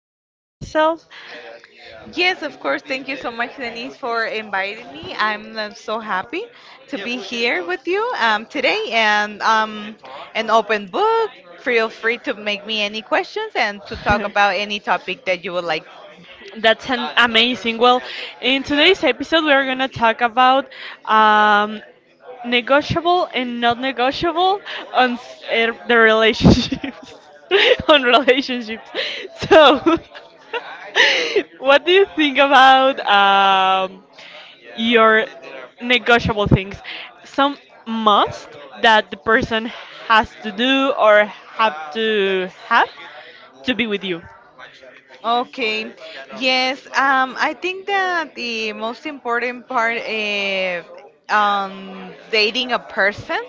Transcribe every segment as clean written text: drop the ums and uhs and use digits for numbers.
introduce yourself? Yes, of course. Thank you so much, Denise, for inviting me. I'm so happy to be here with you today and an open book. Feel free to make me any questions and to talk about any topic that you would like. That's an amazing. Well, in today's episode, we are going to talk about um, negotiable and not negotiable on the relationships, on relationships. So, what do you think about your negotiable things? Some must that the person has to do or have to be with you. Okay. Yes, I think that the most important part on dating a person,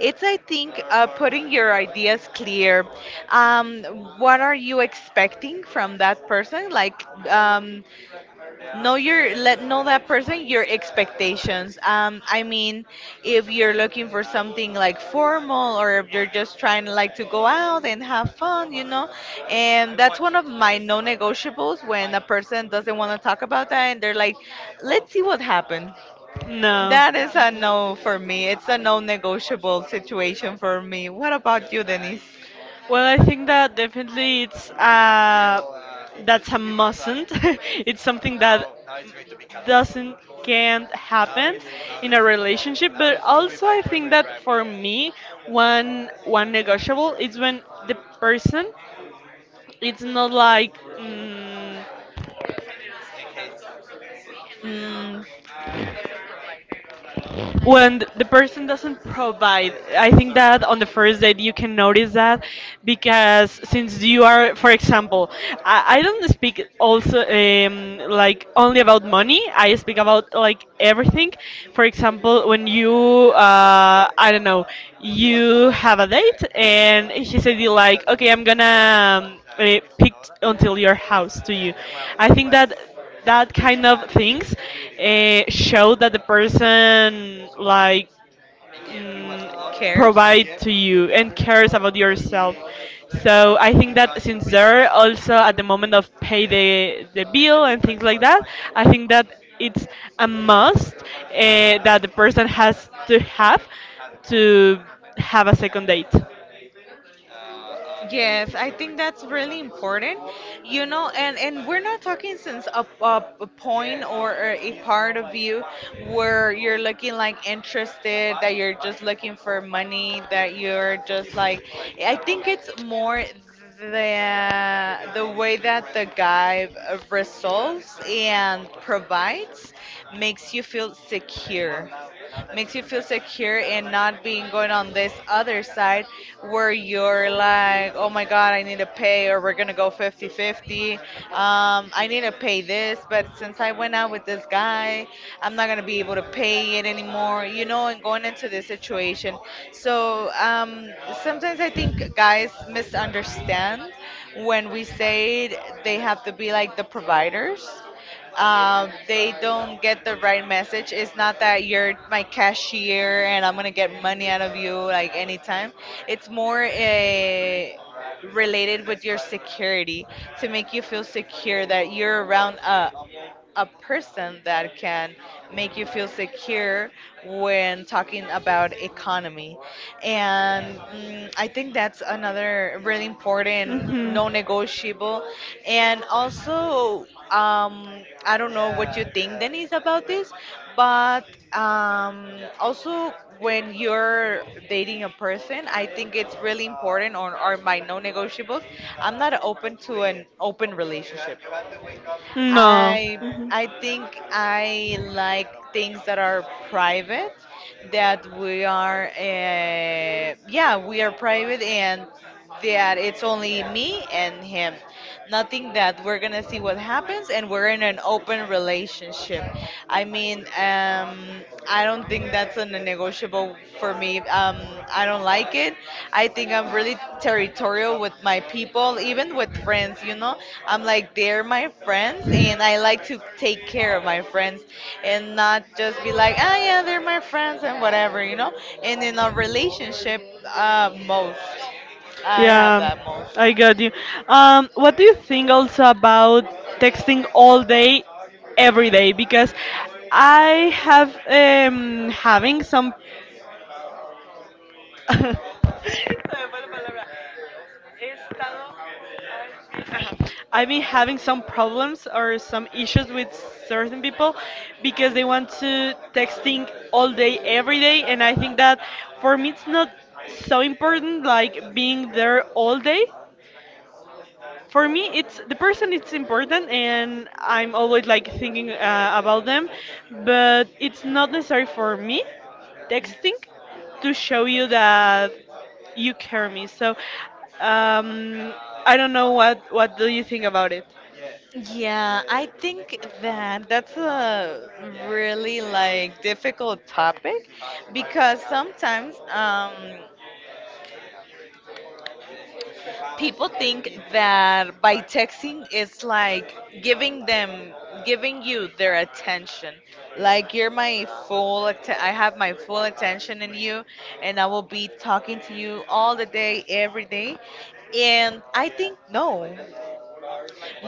it's I think putting your ideas clear. Um, what are you expecting from that person? Like, um, know your let know that person your expectations, I mean, if you're looking for something like formal, or if you're just trying like to go out and have fun, you know. And that's one of my non-negotiables, when a person doesn't want to talk about that and they're like, "Let's see what happens." No. That is a no for me. It's a non-negotiable situation for me. What about you, Denise? Well, I think that definitely it's that's a mustn't. It's something that doesn't can't happen in a relationship. But also, I think that for me, one negotiable is when the person it's not like. Mm, When the person doesn't provide. I think that on the first date you can notice that because since you are, for example, I don't speak also like only about money. I speak about like everything. For example, when you I don't know, you have a date and he said you like, okay, I'm gonna pick until your house to you. I think that that kind of things show that the person like cares. provide to you and cares about yourself. So I think that since they're also at the moment of pay the bill and things like that, I think that it's a must that the person has to have a second date. Yes, I think that's really important. You know, and we're not talking since a point or a part of you where you're looking like interested, that you're just looking for money, that you're just like, I think it's more the way that the guy resolves and provides, makes you feel secure, and not being going on this other side where you're like, oh my god, I need to pay, or we're gonna go 50 50. 50. I need to pay this, but since I went out with this guy, I'm not gonna be able to pay it anymore, you know, and going into this situation. So sometimes I think guys misunderstand when we say they have to be like the providers. They don't get the right message. It's not that you're my cashier and I'm gonna get money out of you like anytime. It's more a related with your security, to make you feel secure that you're around a person that can make you feel secure when talking about economy. And mm, I think that's another really important non-negotiable. And also, I don't know what you think, Denise, about this, but also when you're dating a person, I think it's really important, or are my non-negotiables. I'm not open to an open relationship. No. I Mhm. Think I like things that are private, that we are yeah, we are private, and that it's only me and him. Nothing that we're gonna see what happens and we're in an open relationship. I mean, I don't think that's a negotiable for me. I don't like it. I think I'm really territorial with my people, even with friends, you know. I'm like, they're my friends, and I like to take care of my friends, and not just be like, ah, yeah, they're my friends and whatever, you know. And in a relationship, most. I have Yeah, that most. I got you. What do you think also about texting all day, every day? Because I have having some I've been having some problems or some issues with certain people because they want to texting all day every day, and I think that for me it's not so important like being there all day. For me it's the person, it's important, and I'm always like thinking about them, but it's not necessary for me texting to show you that you care me. So um, I don't know, what do you think about it? Yeah, I think that 's a really like difficult topic, because sometimes people think that by texting it's like giving them, giving you their attention, like you're my full I have my full attention in you, and I will be talking to you all the day every day. And I think no,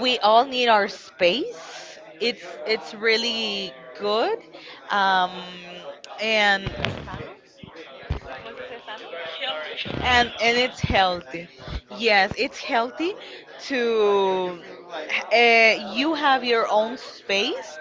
we all need our space. It's really good, um, and and it's healthy. Yes, it's healthy to you have your own space,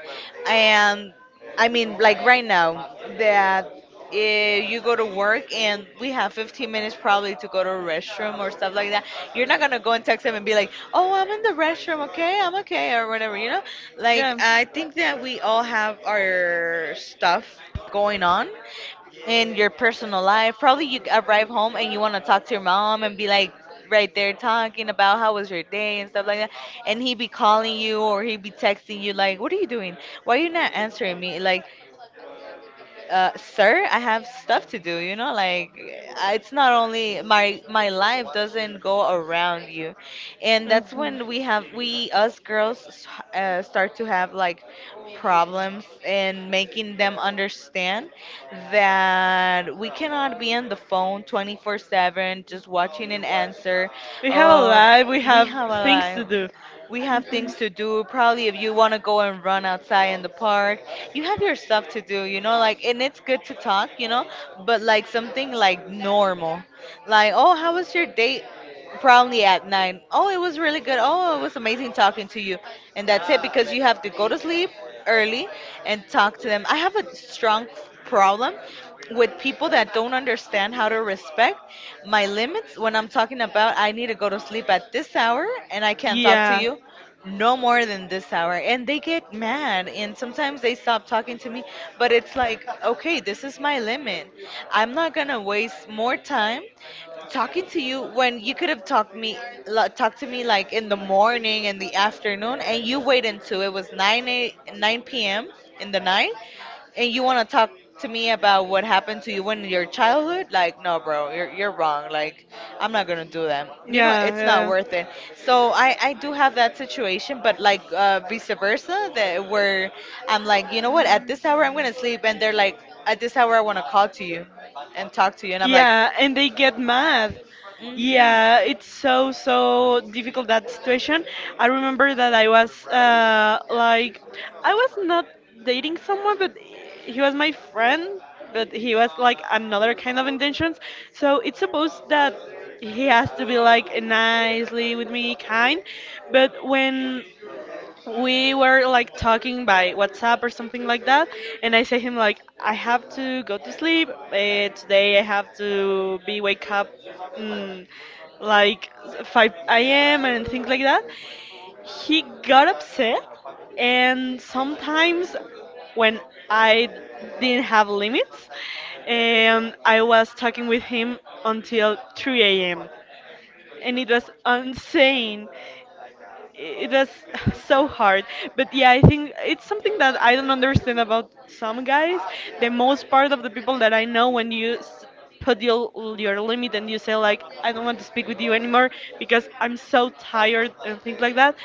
and I mean, like right now that. You go to work and we have 15 minutes probably to go to a restroom or stuff like that. You're not gonna go and text them and be like, "Oh, I'm in the restroom, okay, I'm okay," or whatever. You know, like Yeah. I think that we all have our stuff going on in your personal life. Probably you arrive home and you want to talk to your mom and be like right there, talking about how was your day and stuff like that. And he be calling you or he be texting you like, "What are you doing? Why are you not answering me?" Like sir, I have stuff to do, you know, like I- it's not only my life doesn't go around you. And that's Mhm. when we have, we us girls s- start to have like problems, and making them understand that we cannot be on the phone 24/7 just watching an answer. We have a Uh, life, we we have have to a life. do. We have We things to do. Probably if you want to go and run outside in the park, you have your stuff to do, you know, like, and it's good to talk, you know, but like something like normal. Like, oh, how was your date? Probably at nine. Oh, it was really good. Oh, it was amazing talking to you. And that's it, because you have to go to sleep early and talk to them. I have a strong problem with people that don't understand how to respect my limits, when I'm talking about I need to go to sleep at this hour and I can't talk to yeah. you no more than this hour. And they get mad and sometimes they stop talking to me, but it's like, okay, this is my limit. I'm not going to waste more time talking to you when you could have talked me la- talked to me like in the morning, in the afternoon, and you wait until it was 9 a, 9 p.m. in the night, and you want to talk to me about what happened to you when in your childhood. Like, no bro, you're wrong, like I'm not gonna do that, you know, it's not Yeah, worth it. So I do have that situation, but like vice versa, that where I'm like, you know what, at this hour I'm gonna sleep, and they're like, at this yeah. hour I want to call to you and talk to you, and I'm like, Yeah, and they get mad. mhm. Yeah, it's so so difficult that situation. I remember that I was like I was not dating someone, but he was my friend, but he was like another kind of intentions. So it's supposed that he has to be like nicely with me, kind. But when we were like talking by WhatsApp or something like that, and I say him like, I have to go to sleep. Today I have to be wake up mm, like 5 a.m. and things like that. He got upset, and sometimes when I didn't have limits, and I was talking with him until 3 a.m., and it was insane. It was so hard. But yeah, I think it's something that I don't understand about some guys. The most part of the people that I know, when you put your limit and you say like, I don't want to speak with you anymore because I'm so tired and things like that,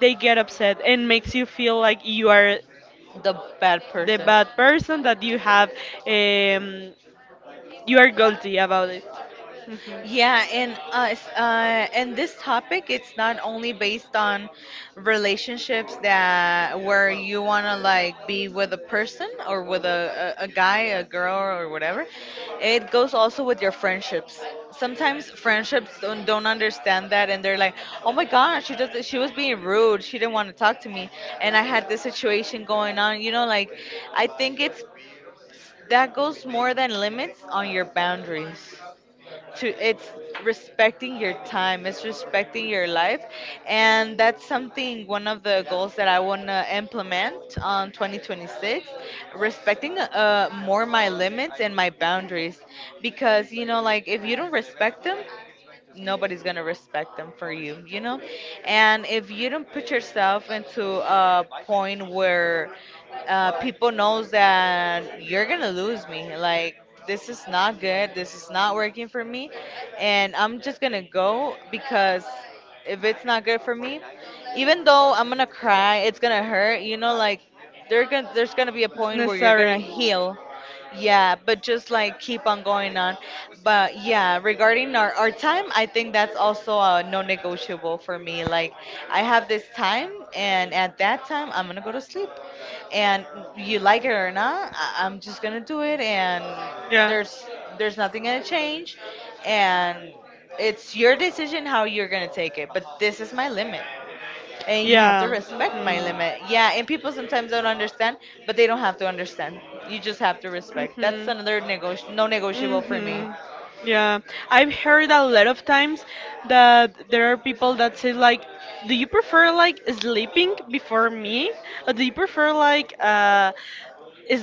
they get upset and makes you feel like you are The bad the person. bad person that you have. Um, you are guilty about it. Mhm. Yeah, and us, and this topic, it's not only based on relationships, that where you wanna like be with a person, or with a, a, guy, a girl, or whatever. It goes also with your friendships. Sometimes friendships don't understand that, and they're like, "Oh my gosh, she does, she was being rude. She didn't want to talk to me." And I had this situation going on. You know, like I think it's, that goes more than limits on your boundaries to, it's respecting your time, it's respecting your life. And that's something, one of the goals that I want to implement on 2026, respecting more my limits and my boundaries, because you know, like, if you don't respect them, nobody's gonna respect them for you, you know? And if you don't put yourself into a point where people knows that, you're gonna lose me, like this is not good, this is not working for me, and I'm just gonna go, because if it's not good for me, even though I'm gonna cry, it's gonna hurt, you know, like there's gonna be a point where you're gonna heal. Yeah, but just like keep on going on. But yeah, regarding our time, I think that's also a non-negotiable for me. Like, I have this time, and at that time I'm gonna go to sleep. And you like it or not, I'm just gonna do it, and there's nothing gonna change, and it's your decision how you're gonna take it. But this is my limit, and you have to Yeah. respect my Mhm. limit. Yeah, and people sometimes don't understand, but they don't have to understand. You just have to respect. That's Mhm. another no negotiable for me. Mhm. Yeah, I've heard a lot of times that there are people that say like, "Do you prefer like sleeping before me, or do you prefer like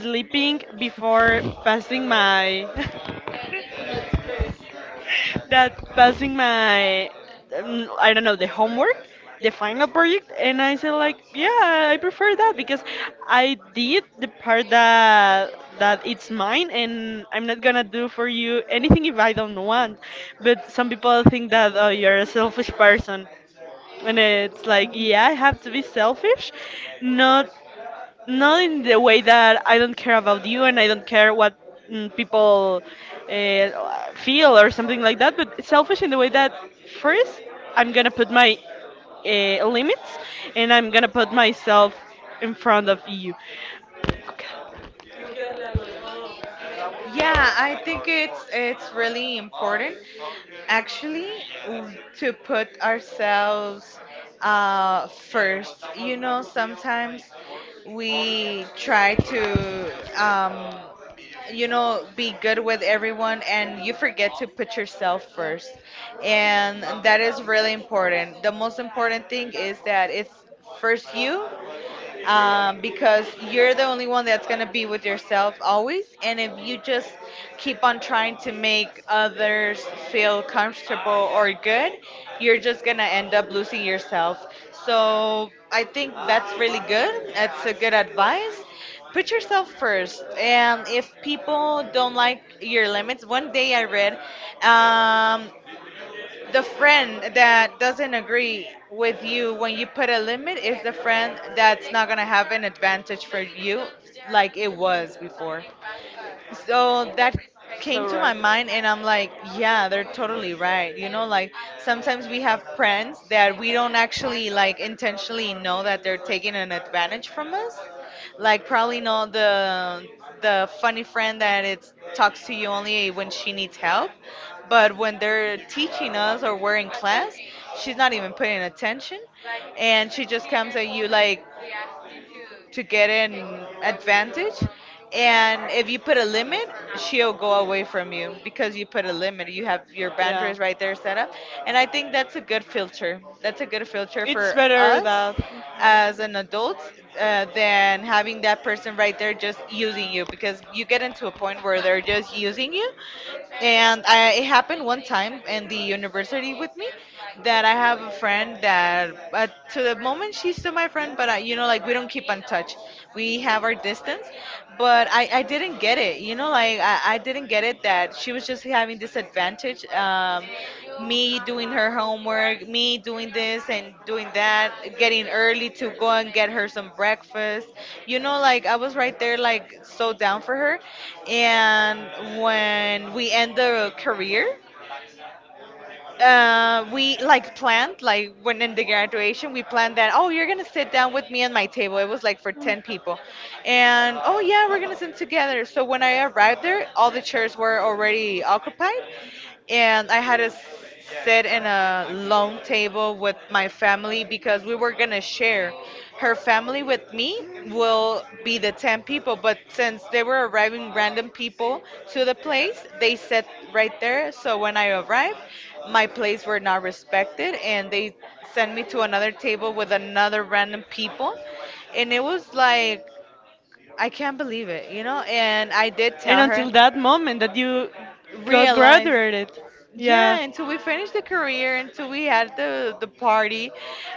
sleeping before passing my?" That passing my I don't know, the homework, the final project, and I said like, yeah, I prefer that because I did the part that it's mine, and I'm not gonna do for you anything if I don't want. But some people think that, oh, you're a selfish person. And it's like, yeah, I have to be selfish, not not in the way that I don't care about you and I don't care what people feel or something like that, but selfish in the way that first I'm gonna put my limits and I'm gonna put myself in front of you. Yeah, I think it's really important, actually w- to put ourselves first. You know, sometimes we try to um, you know, be good with everyone, and you forget to put yourself first. And that is really important. The most important thing is that it's first you, because you're the only one that's going to be with yourself always. And if you just keep on trying to make others feel comfortable or good, you're just going to end up losing yourself. So I think that's really good. That's a good advice. Put yourself first. And if people don't like your limits, one day I read, um, the friend that doesn't agree with you when you put a limit is the friend that's not going to have an advantage for you like it was before. So that came So to my right. mind, and I'm like, yeah, they're totally right. You know, like sometimes we have friends that we don't actually like intentionally know that they're taking an advantage from us. Like probably know the funny friend that it talks to you only when she needs help, but when they're teaching us or we're in class, she's not even paying attention, and she just comes at you like to get an advantage. And if you put a limit, she'll go away from you because you put a limit. You have your Yeah. boundaries right there set up. And I think that's a good filter. That's a good filter It's for better us that. as an adult than having that person right there just using you because you get into a point where they're just using you, and it happened one time in the university with me, that I have a friend that to the moment she's still my friend, but I like we don't keep in touch. We have our distance, but I didn't get it. You know, like I didn't get it that she was just having this advantage. Me doing her homework, me doing this and doing that, getting early to go and get her some breakfast. You know, like I was right there, like so down for her. And when we end the career, we like planned, like when in the graduation we planned that, oh, you're gonna sit down with me at my table. It was like for 10 people, and oh yeah, we're gonna sit together. So when I arrived there, all the chairs were already occupied, and I had to sit in a long table with my family because we were gonna share. Her family with me will be the 10 people, but since they were arriving random people to the place, they sat right there. So when I arrived, my place were not respected and they sent me to another table with another random people. And it was like, I can't believe it, you know? And I did And tell her, until that moment that you got realize. graduated. Yeah, Yeah, until we finished the career, until we had the party,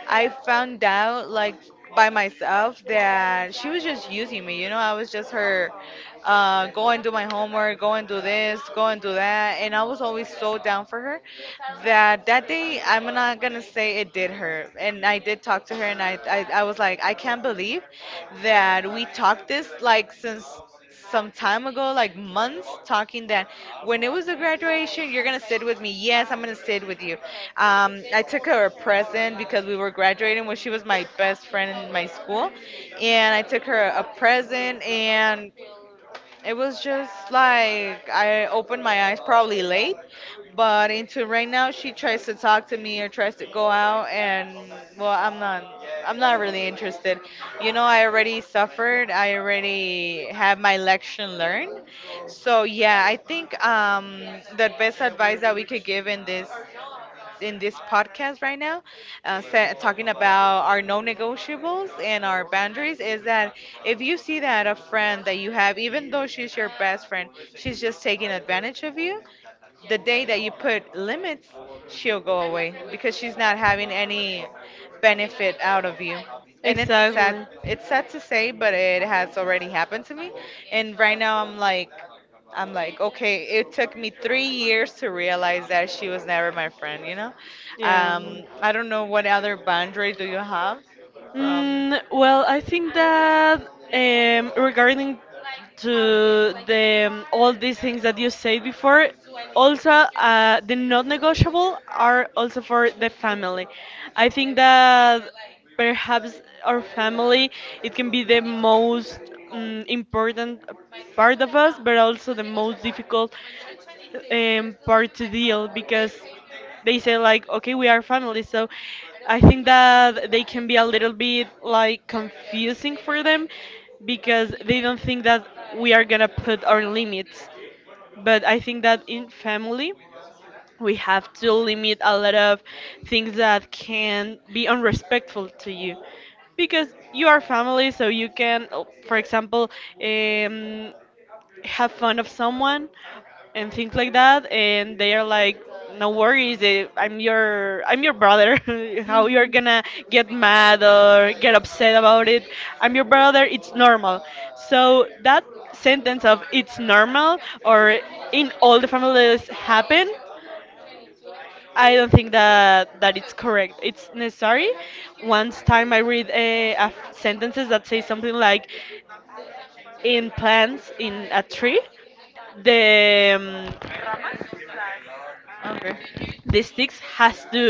I found out like by myself that she was just using me. You know, I was just her, go and do my homework, go and do this, go and do that, and I was always so down for her that that day. I'm not gonna say it did her, and I did talk to her, and I was like, I can't believe that we talked this like since some time ago, like months, talking that when it was the graduation, you're gonna sit with me. Yes, I'm gonna sit with you. I took her a present because we were graduating when she was my best friend in my school, and I took her a present, and it was just like I opened my eyes probably late, but into right now she tries to talk to me or tries to go out, and well, I'm not really interested. You know, I already suffered. I already have my lesson learned. So yeah, I think the best advice that we could give in this podcast right now, talking about our non-negotiables and our boundaries, is that if you see that a friend that you have, even though she's your best friend, she's just taking advantage of you, the day that you put limits, she'll go away because she's not having any benefit out of you. And it's sad. exactly. It's sad to say, but it has already happened to me. And right now I'm like, okay, it took me 3 years to realize that she was never my friend, you know? Yeah. I don't know what other boundary do you have from. Mm, well, I think that regarding to the all these things that you said before, also the non-negotiable are also for the family. I think that perhaps our family it can be the most important part of us, but also the most difficult part to deal, because they say like, okay, we are family. So I think that they can be a little bit like confusing for them because they don't think that we are gonna put our limits. But I think that in family we have to limit a lot of things that can be unrespectful to you, because you are family. So you can, oh, for example, um, have fun of someone and things like that, and they are like, no worries, I'm your brother. How you're gonna get mad or get upset about it? I'm your brother, it's normal. So that sentence of it's normal, or in all the families happen, I don't think that it's correct. It's necessary. Once time I read sentences that say something like, in plants in a tree the um, Okay. the sticks has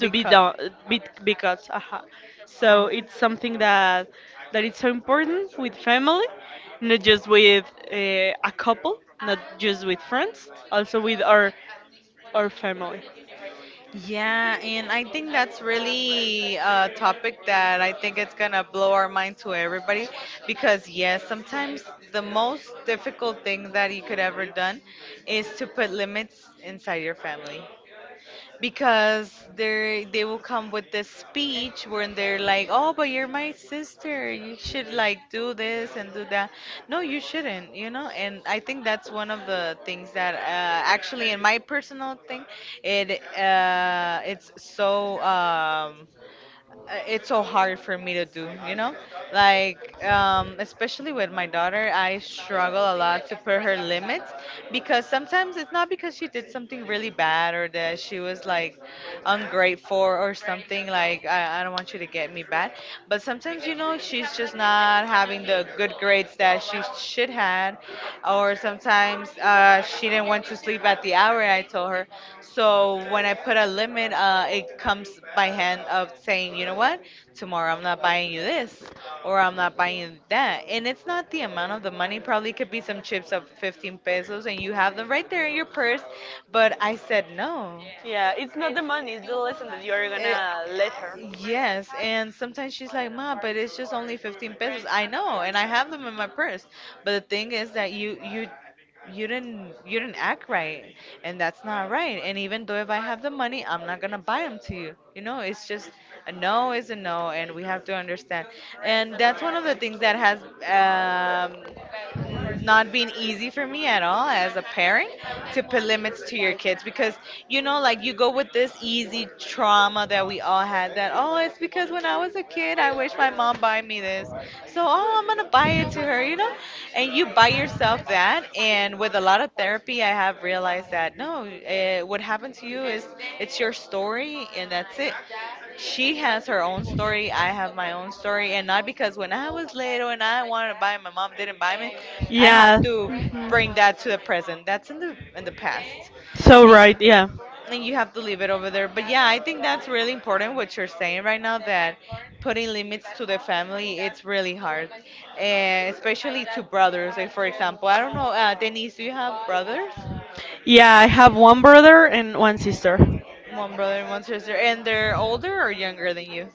to be done be cut so it's something that it's so important with family, not just with a couple, not just with friends, also with our family. Yeah, and I think that's really a topic that I think it's gonna blow our mind to everybody, because yes, sometimes the most difficult thing that you could ever done is to put limits inside your family. Because they will come with this speech when they're like, "Oh, but you're my sister. You should like do this and do that." No, you shouldn't, you know? And I think that's one of the things that actually in my personal thing, it uh, it's so um it's so hard for me to do, you know? Like, especially with my daughter, I struggle a lot to put her limits, because sometimes it's not because she did something really bad or that she was like ungrateful or something like, I don't want you to get me bad. But sometimes, you know, she's just not having the good grades that she should had, or sometimes she didn't want to sleep at the hour I told her. So when I put a limit, it comes by hand of saying, you know what, tomorrow I'm not buying you this or I'm not buying you that. And it's not the amount of the money. Probably could be some chips of 15 pesos and you have them right there in your purse. But I said no. Yeah, it's not the money, it's the lesson that you are It, gonna let her. yes, and sometimes she's like, "Ma, but it's just only 15 pesos." I know, and I have them in my purse. But the thing is that you didn't, you didn't act right, and that's not right, and even though if I have the money, I'm not gonna buy them to you, you know. It's just a no is a no, and we have to understand. And that's one of the things that has not being easy for me at all as a parent, to put limits to your kids, because you know, like you go with this easy trauma that we all had, that oh, it's because when I was a kid, I wish my mom buy me this, so oh, I'm gonna buy it to her, you know. And you buy yourself that, and with a lot of therapy I have realized that no, what happened to you is it's your story, and that's it. She has her own story. I have my own story, and not because when I was little and I wanted to buy, my mom didn't buy me. I Yeah, have to mhm. bring that to the present. That's in the past, So right, yeah. and you have to leave it over there. But yeah, I think that's really important what you're saying right now, that putting limits to the family it's really hard, and especially to brothers. Like for example, I don't know, Denise, do you have brothers? Yeah, I have one brother and one sister. One brother and one sister, and they're older or younger than you?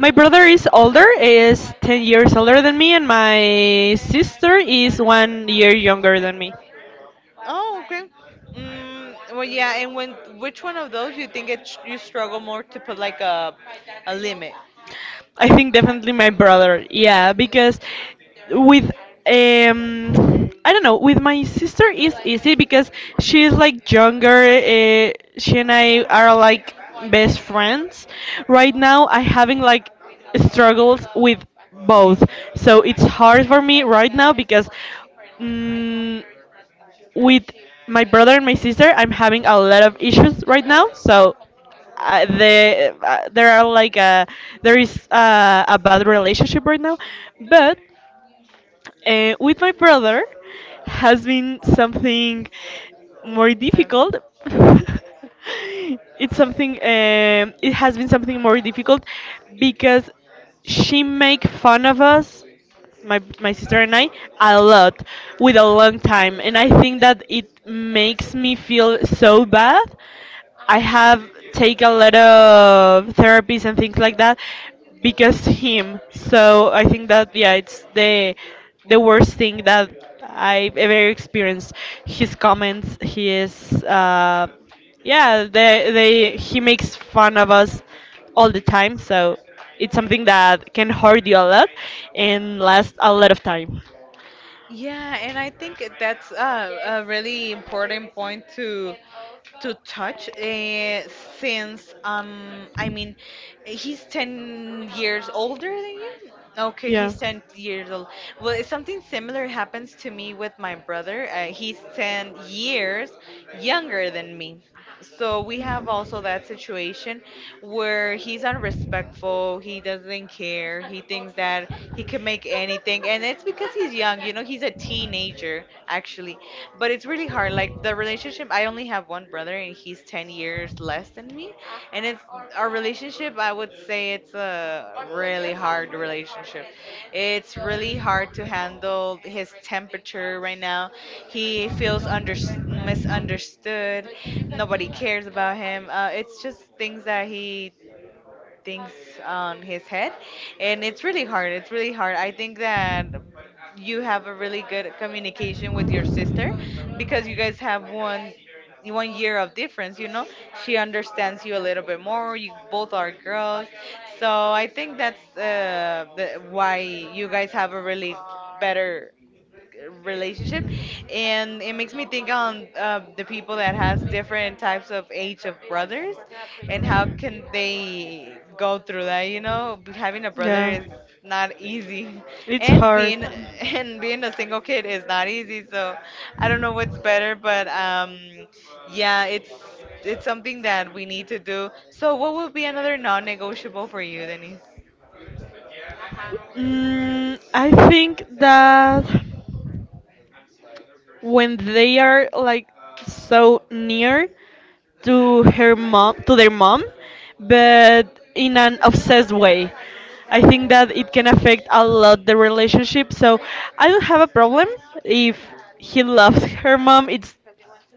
My brother is older, is 10 years older than me, and my sister is 1 year younger than me. Oh, okay. Mm, well, yeah. And when, which one of those you think it you struggle more to put like a limit? I think definitely my brother. Yeah, because with I don't know, with my sister it's easy because she's like younger. She and I are like best friends. Right now I having like struggles with both. So it's hard for me right now because mm with my brother and my sister, I'm having a lot of issues right now. So there are like a there is a bad relationship right now, but with my brother has been something more Um, difficult. It's something. It has been something more difficult because she make fun of us, my sister and I, a lot with a long time, and I think that it makes me feel so bad. I have take a lot of therapies and things like that because him. So I think that yeah, it's the worst thing that I've ever experienced. His comments, his yeah, they he makes fun of us all the time. So it's something that can hurt you a lot and last a lot of time. yeah, and I think that's a really important point to touch since I mean he's 10 years older than you. Okay, Yeah. he's 10 years old. Well, it's something similar happens to me with my brother. He's 10 years younger than me. So we have also that situation where he's unrespectful, he doesn't care, he thinks that he can make anything, and it's because he's young, you know, he's a teenager actually. But it's really hard. Like the relationship, I only have one brother, and he's 10 years less than me, and it's our relationship. I would say it's a really hard relationship. It's really hard to handle his temperature right now. He feels under misunderstood. Nobody cares about him. It's just things that he things on his head, and it's really hard, it's really hard. I think that you have a really good communication with your sister, because you guys have one year of difference, you know. She understands you a little bit more, you both are girls, so I think that's why you guys have a really better relationship. And it makes me think on the people that has different types of age of brothers, and how can they go through that, you know. Having a brother Yeah. is not easy It's and hard. being and being a single kid is not easy, so I don't know what's better, but yeah, it's something that we need to do. So what would be another non-negotiable for you, Denise? For you. Mm, I think that when they are like so near to her mom to their mom but in an obsessed way, I think that it can affect a lot the relationship. So I don't have a problem if he loves her mom.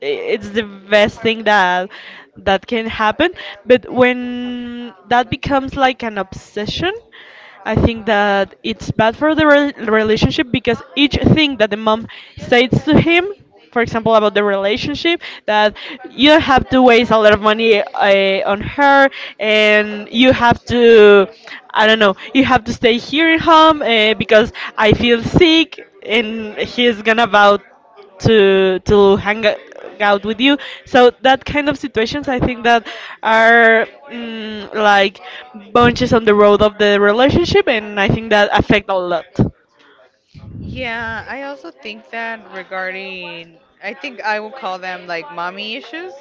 It's the best thing that can happen. But when that becomes like an obsession, I think that it's bad for the relationship, because each thing that the mom says to him, for example, about the relationship, that you have to waste a lot of money on her, and you have to, I don't know, you have to stay here at home because I feel sick, and he's gonna about to hang out with you. So that kind of situations, I think that are like bunches on the road of the relationship, and I think that affect a lot. Yeah, I also think that regarding, I think I will call them like mommy issues,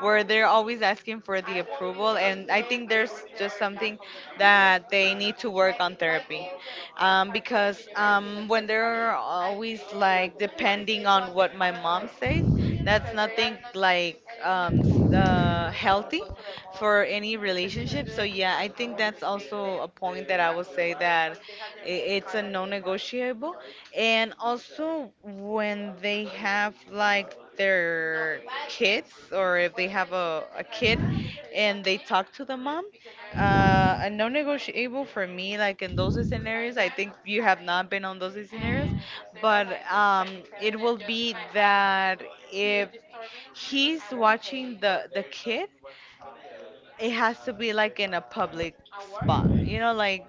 where they're always asking for the approval, and I think there's just something that they need to work on therapy, because when they're always like depending on what my mom says, that's nothing like healthy for any relationship. So yeah, I think that's also a point that I would say that. It's a non-negotiable. And also when they have like their kids, or if they have a kid and they talk to the mom, a non-negotiable for me, like in those scenarios, I think you have not been on those scenarios, but it will be that if he's watching the kid, it has to be like in a public spot, you know, like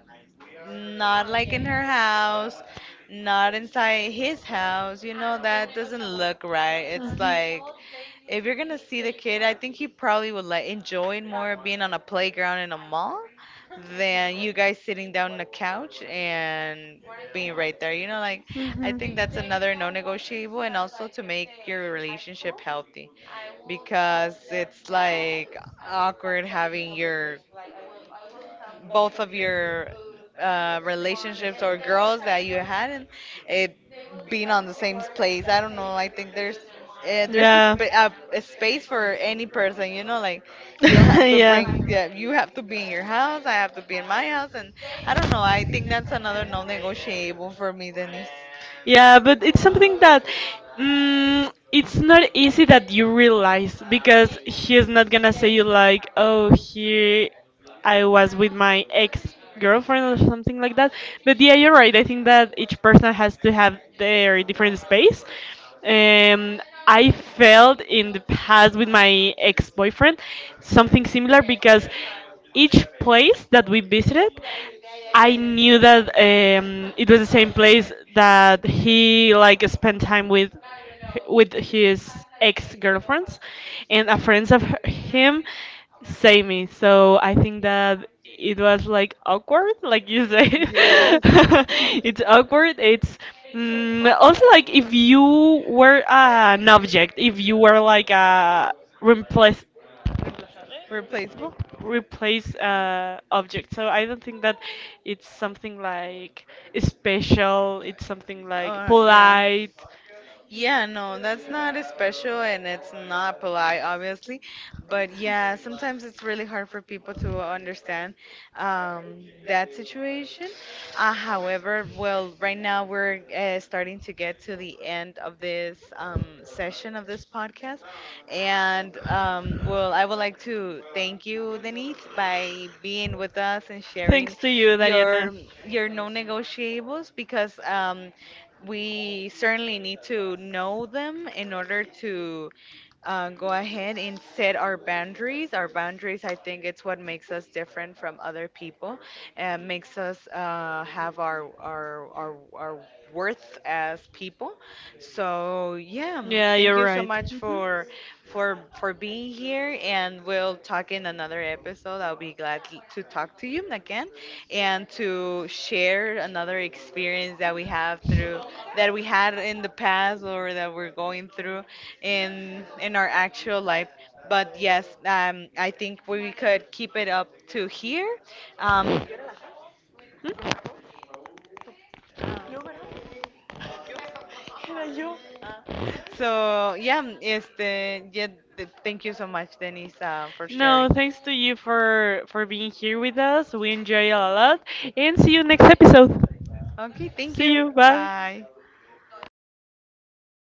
not like in her house, not inside his house. You know, that doesn't look right. It's like if you're gonna see the kid, I think he probably would like enjoy more being on a playground in a mall than you guys sitting down on a couch and being right there. You know, like I Mhm. think Mhm. that's another non-negotiable, and also to make your relationship healthy, because it's like awkward having your both of your relationships or girls that you had, and it being on the same place. I don't know. I think there's Yeah. A space for any person. You know, like you don't have to bring. Yeah. Yeah, you have to be in your house. I have to be in my house. And I don't know. I think that's another non-negotiable for me, Denise. Yeah, but it's something that it's not easy that you realize, because he's not gonna say you like, oh, here, I was with my ex girlfriend or something like that. But yeah, you're right. I think that each person has to have their different space. Um, I felt in the past with my ex boyfriend something similar because each place that we visited, I knew that it was the same place that he like spent time with his ex-girlfriends, and a friend of him saved me. So I think that it was like awkward, like you say. Yes, It's awkward, it's also like if you were an object, if you were like a replace replaceable. replace object. So I don't think that it's something like special, it's something like Yeah. polite. Yeah, no, that's not as special and it's not polite, obviously. But yeah, sometimes it's really hard for people to understand that situation. However, well, right now we're starting to get to the end of this session of this podcast. And well, I would like to thank you, Denise, by being with us and Thanks sharing to you, Dariana. your your non-negotiables, because we certainly need to know them in order to go ahead and set our boundaries. Our boundaries, I think, it's what makes us different from other people, and makes us have our worth as people. So yeah, Yeah, thank thank you're you so right. much Mhm. for for being here, and we'll talk in another episode. I'll be glad to talk to you again, and to share another experience that we have through that we had in the past, or that we're going through in our actual life. But yes, I think we could keep it up to here. Um, Hmm? Your Era yo opinion. so yeah, este, yeah, thank you so much, Denise, for No, sharing. sharing. Thanks to you for being here with us. We enjoy it a lot, and see you next episode. Okay, Okay, thank see you. you. Bye. Bye.